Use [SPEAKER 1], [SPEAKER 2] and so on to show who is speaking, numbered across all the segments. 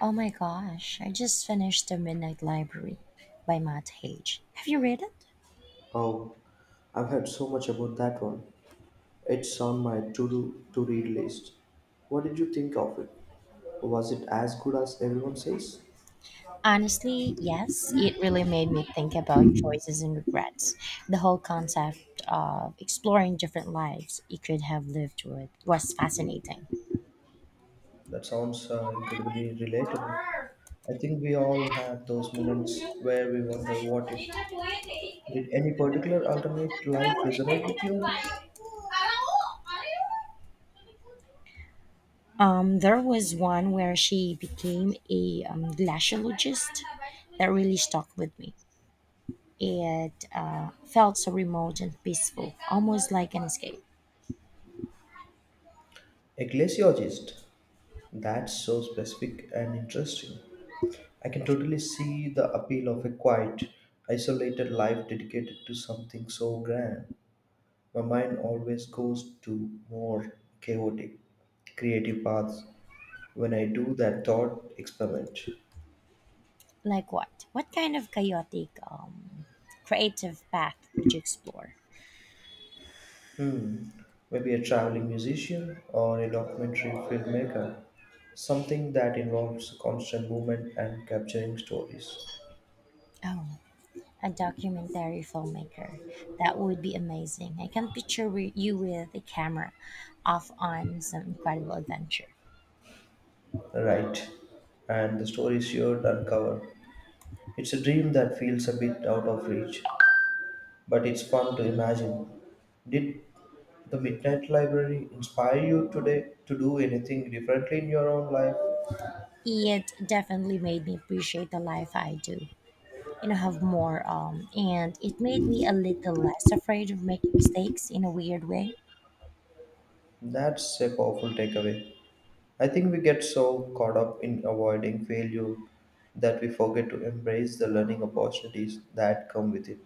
[SPEAKER 1] Oh my gosh, I just finished The Midnight Library by Matt Haig. Have you read it?
[SPEAKER 2] Oh, I've heard so much about that one. It's on my to read list. What did you think of it? Was it as good as everyone says?
[SPEAKER 1] Honestly, yes, it really made me think about choices and regrets. The whole concept of exploring different lives you could have lived with was fascinating.
[SPEAKER 2] That sounds incredibly relatable. I think we all have those moments where we wonder what if. Did any particular alternate life resonate with you?
[SPEAKER 1] There was one where she became a glaciologist that really stuck with me. It felt so remote and peaceful, almost like an escape.
[SPEAKER 2] Ecclesiologist. That's so specific and interesting. I can totally see the appeal of a quiet, isolated life dedicated to something so grand. My mind always goes to more chaotic, creative paths when I do that thought experiment.
[SPEAKER 1] Like what? What kind of chaotic, creative path would you explore?
[SPEAKER 2] Maybe a traveling musician or a documentary filmmaker, something that involves constant movement and capturing stories.
[SPEAKER 1] Oh, a documentary filmmaker. That would be amazing. I can picture you with a camera off on some incredible adventure.
[SPEAKER 2] Right, and the stories you'd uncover. It's a dream that feels a bit out of reach, but it's fun to imagine. Did the Midnight Library inspire you today to do anything differently in your own life?
[SPEAKER 1] It definitely made me appreciate the life I do you know have more. And it made me a little less afraid of making mistakes in a weird way.
[SPEAKER 2] That's a powerful takeaway. I think we get so caught up in avoiding failure that we forget to embrace the learning opportunities that come with it.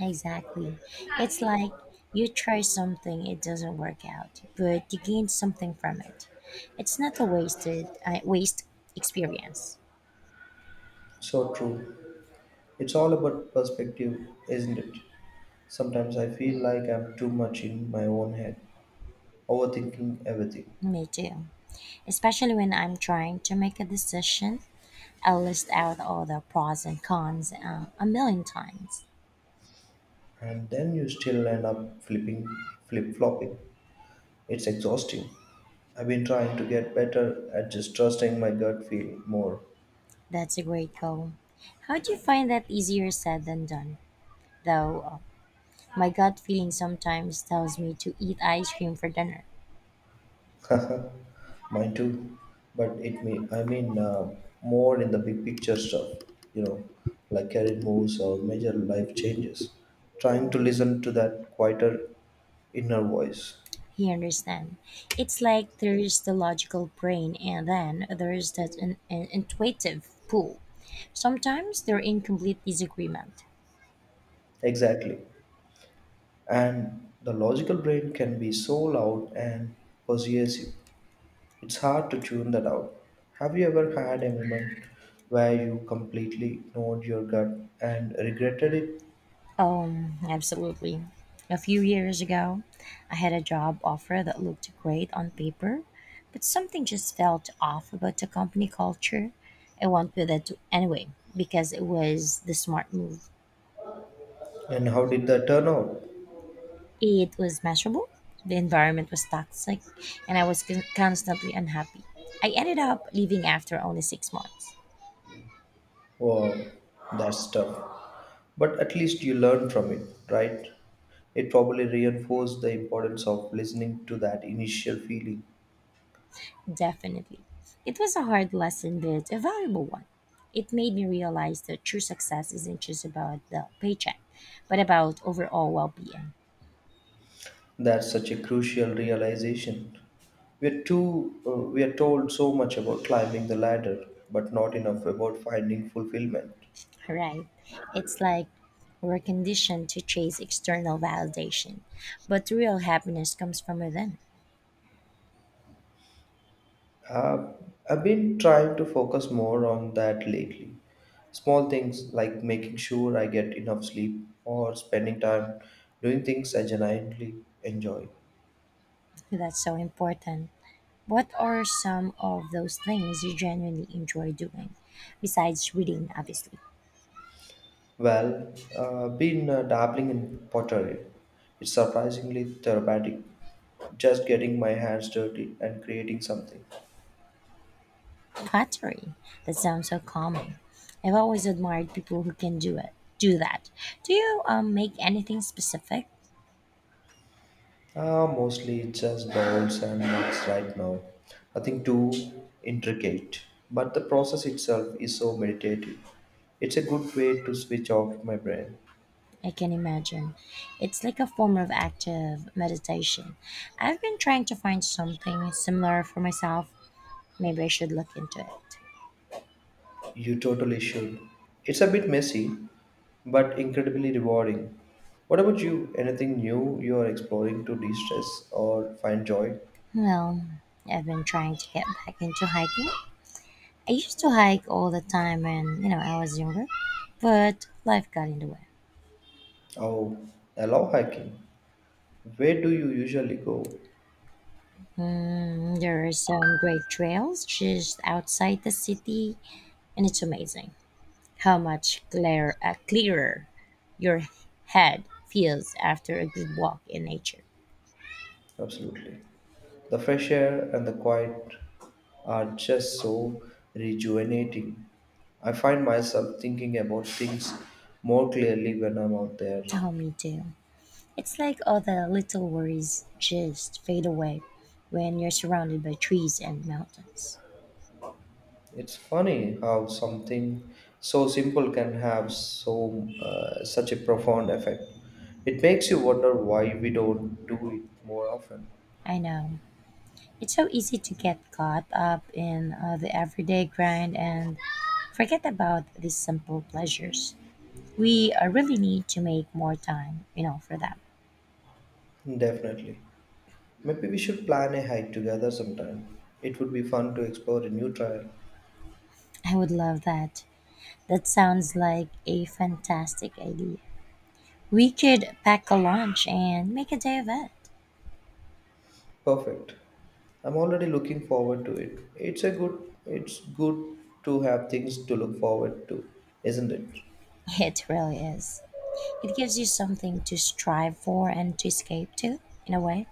[SPEAKER 1] Exactly. It's like you try something, it doesn't work out, but you gain something from it. It's not a waste experience.
[SPEAKER 2] So true. It's all about perspective, isn't it? Sometimes I feel like I'm too much in my own head, overthinking everything.
[SPEAKER 1] Me too, especially when I'm trying to make a decision. I list out all the pros and cons a million times.
[SPEAKER 2] And then you still end up flip flopping. It's exhausting. I've been trying to get better at just trusting my gut feel more.
[SPEAKER 1] That's a great goal. How do you find that? Easier said than done, though My gut feeling sometimes tells me to eat ice cream for dinner.
[SPEAKER 2] Mine too, but it may I mean more in the big picture stuff, you know, like career moves or major life changes. Trying to listen to that quieter inner voice.
[SPEAKER 1] He understand. It's like there's the logical brain and then there's that intuitive pull. Sometimes they're in complete disagreement.
[SPEAKER 2] Exactly. And the logical brain can be so loud and persuasive. It's hard to tune that out. Have you ever had a moment where you completely ignored your gut and regretted it?
[SPEAKER 1] Absolutely. A few years ago, I had a job offer that looked great on paper, but something just felt off about the company culture. I went with it anyway because it was the smart move.
[SPEAKER 2] And how did that turn out?
[SPEAKER 1] It was miserable. The environment was toxic, and I was constantly unhappy. I ended up leaving after only six months.
[SPEAKER 2] Wow, that's tough. But at least you learn from it, right? It probably reinforced the importance of listening to that initial feeling.
[SPEAKER 1] Definitely. It was a hard lesson, but a valuable one. It made me realize that true success isn't just about the paycheck, but about overall well being.
[SPEAKER 2] That's such a crucial realization. We are told so much about climbing the ladder, but not enough about finding fulfillment.
[SPEAKER 1] Right? It's like we're conditioned to chase external validation, but real happiness comes from within.
[SPEAKER 2] Uh, I've been trying to focus more on that lately. Small things like making sure I get enough sleep or spending time doing things I genuinely enjoy.
[SPEAKER 1] That's so important. What are some of those things you genuinely enjoy doing? Besides reading, obviously.
[SPEAKER 2] Well, been dabbling in pottery. It's surprisingly therapeutic. Just getting my hands dirty and creating something.
[SPEAKER 1] Pottery. That sounds so calming. I've always admired people who can do it. Do that. Do you make anything specific?
[SPEAKER 2] Mostly it's just bowls and mugs right now. Nothing too intricate. But the process itself is so meditative. It's a good way to switch off my brain.
[SPEAKER 1] I can imagine. It's like a form of active meditation. I've been trying to find something similar for myself. Maybe I should look into it.
[SPEAKER 2] You totally should. It's a bit messy, but incredibly rewarding. What about you? Anything new you are exploring to de stress or find joy?
[SPEAKER 1] Well, I've been trying to get back into hiking. I used to hike all the time when you know I was younger, but life got in the way.
[SPEAKER 2] Oh, I love hiking. Where do you usually go?
[SPEAKER 1] Mm, there are some great trails just outside the city, and it's amazing how clearer your head feels after a good walk in nature.
[SPEAKER 2] Absolutely. The fresh air and the quiet are just so rejuvenating. I find myself thinking about things more clearly when I'm out there.
[SPEAKER 1] Oh, me too. It's like all the little worries just fade away when you're surrounded by trees and mountains.
[SPEAKER 2] It's funny how something so simple can have such a profound effect. It makes you wonder why we don't do it more often.
[SPEAKER 1] I know. It's so easy to get caught up in the everyday grind and forget about these simple pleasures. We really need to make more time, you know, for that.
[SPEAKER 2] Definitely. Maybe we should plan a hike together sometime. It would be fun to explore a new trail.
[SPEAKER 1] I would love that. That sounds like a fantastic idea. We could pack a lunch and make a day of it.
[SPEAKER 2] Perfect. I'm already looking forward to it. It's good to have things to look forward to, isn't it?
[SPEAKER 1] It really is. It gives you something to strive for and to escape to, in a way.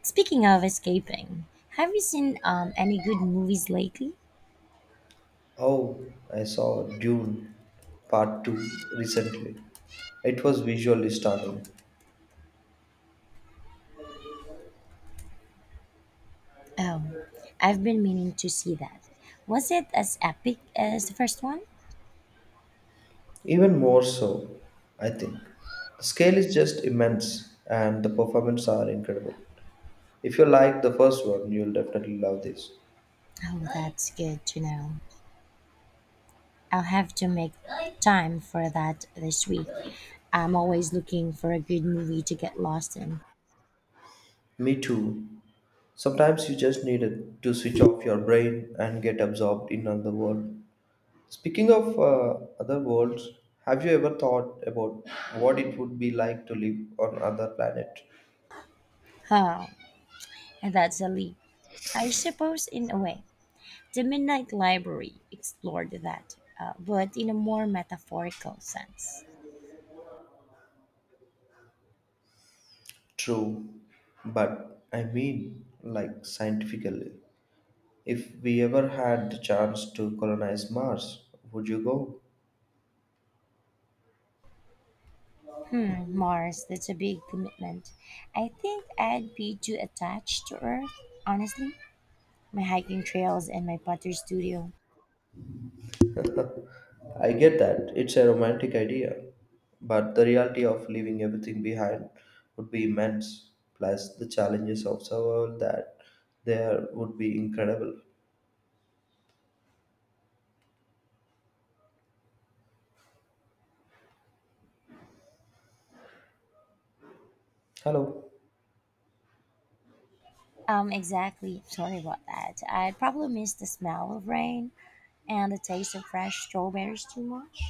[SPEAKER 1] Speaking of escaping, have you seen any good movies lately?
[SPEAKER 2] Oh, I saw Dune Part 2 recently. It was visually stunning.
[SPEAKER 1] Oh, I've been meaning to see that. Was it as epic as the first one?
[SPEAKER 2] Even more so, I think. The scale is just immense and the performances are incredible. If you like the first one, you'll definitely love this.
[SPEAKER 1] Oh, that's good to know. I'll have to make time for that this week. I'm always looking for a good movie to get lost in.
[SPEAKER 2] Me too. Sometimes you just need it to switch off your brain and get absorbed in another world. Speaking of other worlds, have you ever thought about what it would be like to live on other planet?
[SPEAKER 1] Oh, that's a leap. I suppose, in a way, The Midnight Library explored that, but in a more metaphorical sense.
[SPEAKER 2] True, but I mean, like scientifically. If we ever had the chance to colonize Mars, would you go?
[SPEAKER 1] Hmm, Mars, that's a big commitment. I think I'd be too attached to Earth, honestly. My hiking trails and my pottery studio.
[SPEAKER 2] I get that it's a romantic idea, but the reality of leaving everything behind would be immense, plus the challenges of survival that there would be incredible. Hello.
[SPEAKER 1] Exactly. Sorry about that. I'd probably miss the smell of rain and the taste of fresh strawberries too much.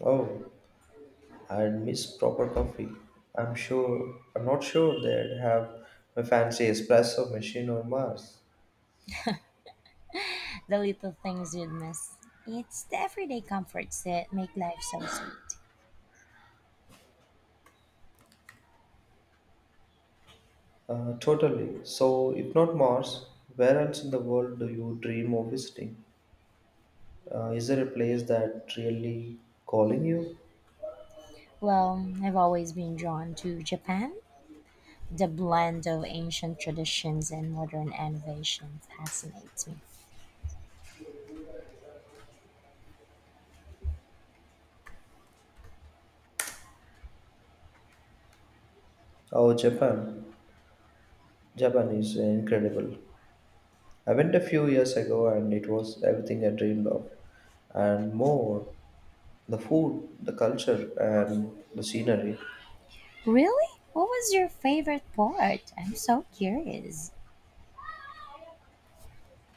[SPEAKER 2] Oh, I'd miss proper coffee. I'm not sure they'd have a fancy espresso machine on Mars.
[SPEAKER 1] The little things you'd miss. It's the everyday comforts that make life so sweet.
[SPEAKER 2] Totally. So, if not Mars, where else in the world do you dream of visiting? Is there a place that really calling you?
[SPEAKER 1] Well, I've always been drawn to Japan. The blend of ancient traditions and modern innovation fascinates me.
[SPEAKER 2] Oh, Japan. Japan is incredible. I went a few years ago and it was everything I dreamed of and more. The food, the culture, and the scenery.
[SPEAKER 1] Really? What was your favorite part? I'm so curious.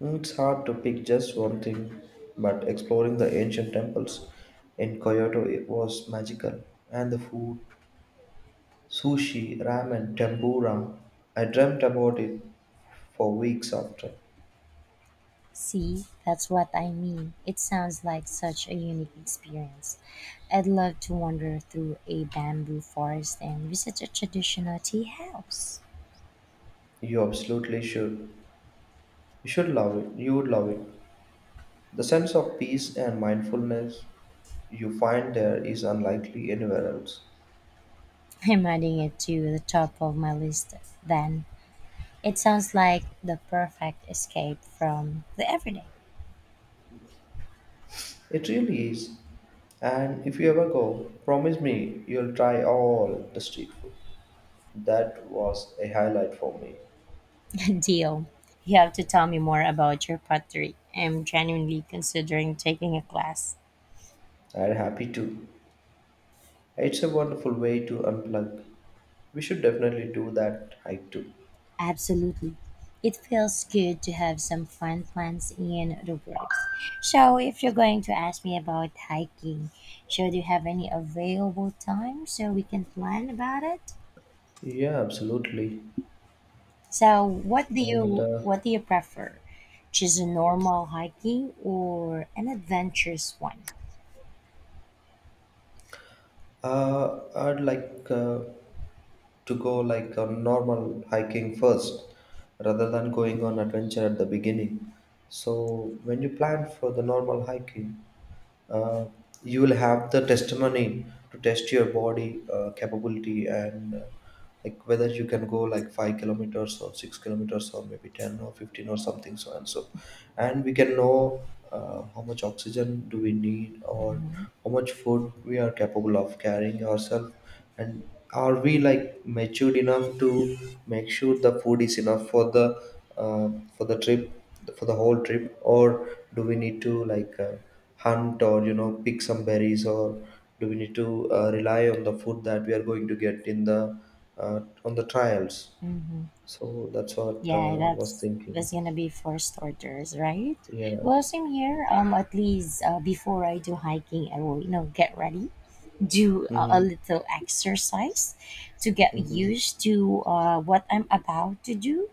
[SPEAKER 2] It's hard to pick just one thing, but exploring the ancient temples in Kyoto, it was magical. And the food, sushi, ramen, tempura. I dreamt about it for weeks after.
[SPEAKER 1] See, that's what I mean. It sounds like such a unique experience. I'd love to wander through a bamboo forest and visit a traditional tea house.
[SPEAKER 2] You absolutely should. You should love it. You would love it. The sense of peace and mindfulness you find there is unlikely anywhere else.
[SPEAKER 1] I'm adding it to the top of my list then. It sounds like the perfect escape from the everyday.
[SPEAKER 2] It really is. And if you ever go, promise me you'll try all the street food. That was a highlight for me.
[SPEAKER 1] Deal. You have to tell me more about your pottery. I'm genuinely considering taking a class.
[SPEAKER 2] I'm happy too. It's a wonderful way to unplug. We should definitely do that hike too.
[SPEAKER 1] Absolutely. It feels good to have some fun plans in the works. So, if you're going to ask me about hiking, should you have any available time so we can plan about it?
[SPEAKER 2] Yeah, absolutely.
[SPEAKER 1] So,
[SPEAKER 2] And
[SPEAKER 1] what do you prefer? Just a normal hiking or an adventurous one?
[SPEAKER 2] I'd like to go like a normal hiking first rather than going on adventure at the beginning. So when you plan for the normal hiking, uh, you will have the testimony to test your body capability and like whether you can go like 5 kilometers or 6 kilometers or maybe 10 or 15 or something so and so, and we can know how much oxygen do we need or how much food we are capable of carrying ourselves, and are we like matured enough to make sure the food is enough uh, for the trip, for the whole trip, or do we need to like hunt or you know pick some berries, or do we need to rely on the food that we are going to get in the uh, on the trials.
[SPEAKER 1] Mm-hmm.
[SPEAKER 2] So that's what
[SPEAKER 1] Yeah,
[SPEAKER 2] was
[SPEAKER 1] that's
[SPEAKER 2] thinking.
[SPEAKER 1] that's gonna be first orders, right?
[SPEAKER 2] Yeah.
[SPEAKER 1] Well, same here. At least before I do hiking, I will, you know, get ready, do a,
[SPEAKER 2] Hmm.
[SPEAKER 1] a little exercise to get
[SPEAKER 2] Mhm.
[SPEAKER 1] used to what I'm about to do.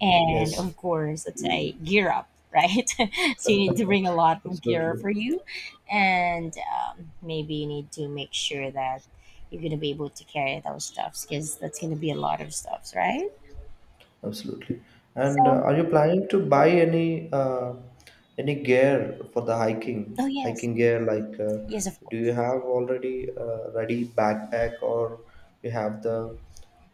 [SPEAKER 1] And of
[SPEAKER 2] Yes,
[SPEAKER 1] course, let's say gear up, right? So you need to bring a lot of gear
[SPEAKER 2] absolutely,
[SPEAKER 1] for you. And maybe you need to make sure that you're going to be able to carry those stuffs, because that's going to be a lot of stuffs, right?
[SPEAKER 2] absolutely. And
[SPEAKER 1] So,
[SPEAKER 2] are you planning to buy any any gear for the hiking
[SPEAKER 1] oh, yes.
[SPEAKER 2] hiking gear? Like,
[SPEAKER 1] Yes, of
[SPEAKER 2] do
[SPEAKER 1] course.
[SPEAKER 2] you have already ready backpack, or you have the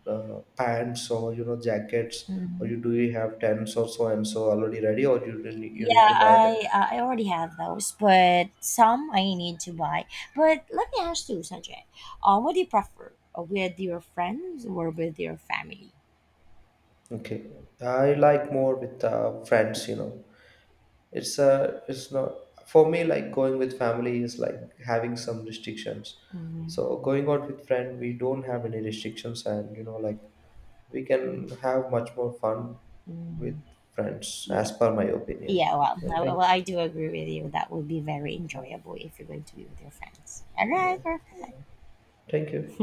[SPEAKER 2] pants, or you know jackets, or
[SPEAKER 1] Mhm.
[SPEAKER 2] you do you have tents or so and so already ready, or you
[SPEAKER 1] Yeah,
[SPEAKER 2] need to buy them?
[SPEAKER 1] I already have those, but some I need to buy. But let me ask you, Sanjay, what do you prefer, with your friends or with your family?
[SPEAKER 2] Okay, I like more with friends, you know. It's not for me like going with family is like having some restrictions.
[SPEAKER 1] Mm,
[SPEAKER 2] So going out with friend, we don't have any restrictions, and you know like we can have much more fun with
[SPEAKER 1] mm,
[SPEAKER 2] friends,
[SPEAKER 1] yeah,
[SPEAKER 2] as per my opinion.
[SPEAKER 1] yeah. Well,
[SPEAKER 2] And thank
[SPEAKER 1] well, I do agree with you. That would be very
[SPEAKER 2] Yeah,
[SPEAKER 1] enjoyable if you're going to be with your friends. All
[SPEAKER 2] yeah,
[SPEAKER 1] right, perfect.
[SPEAKER 2] thank you.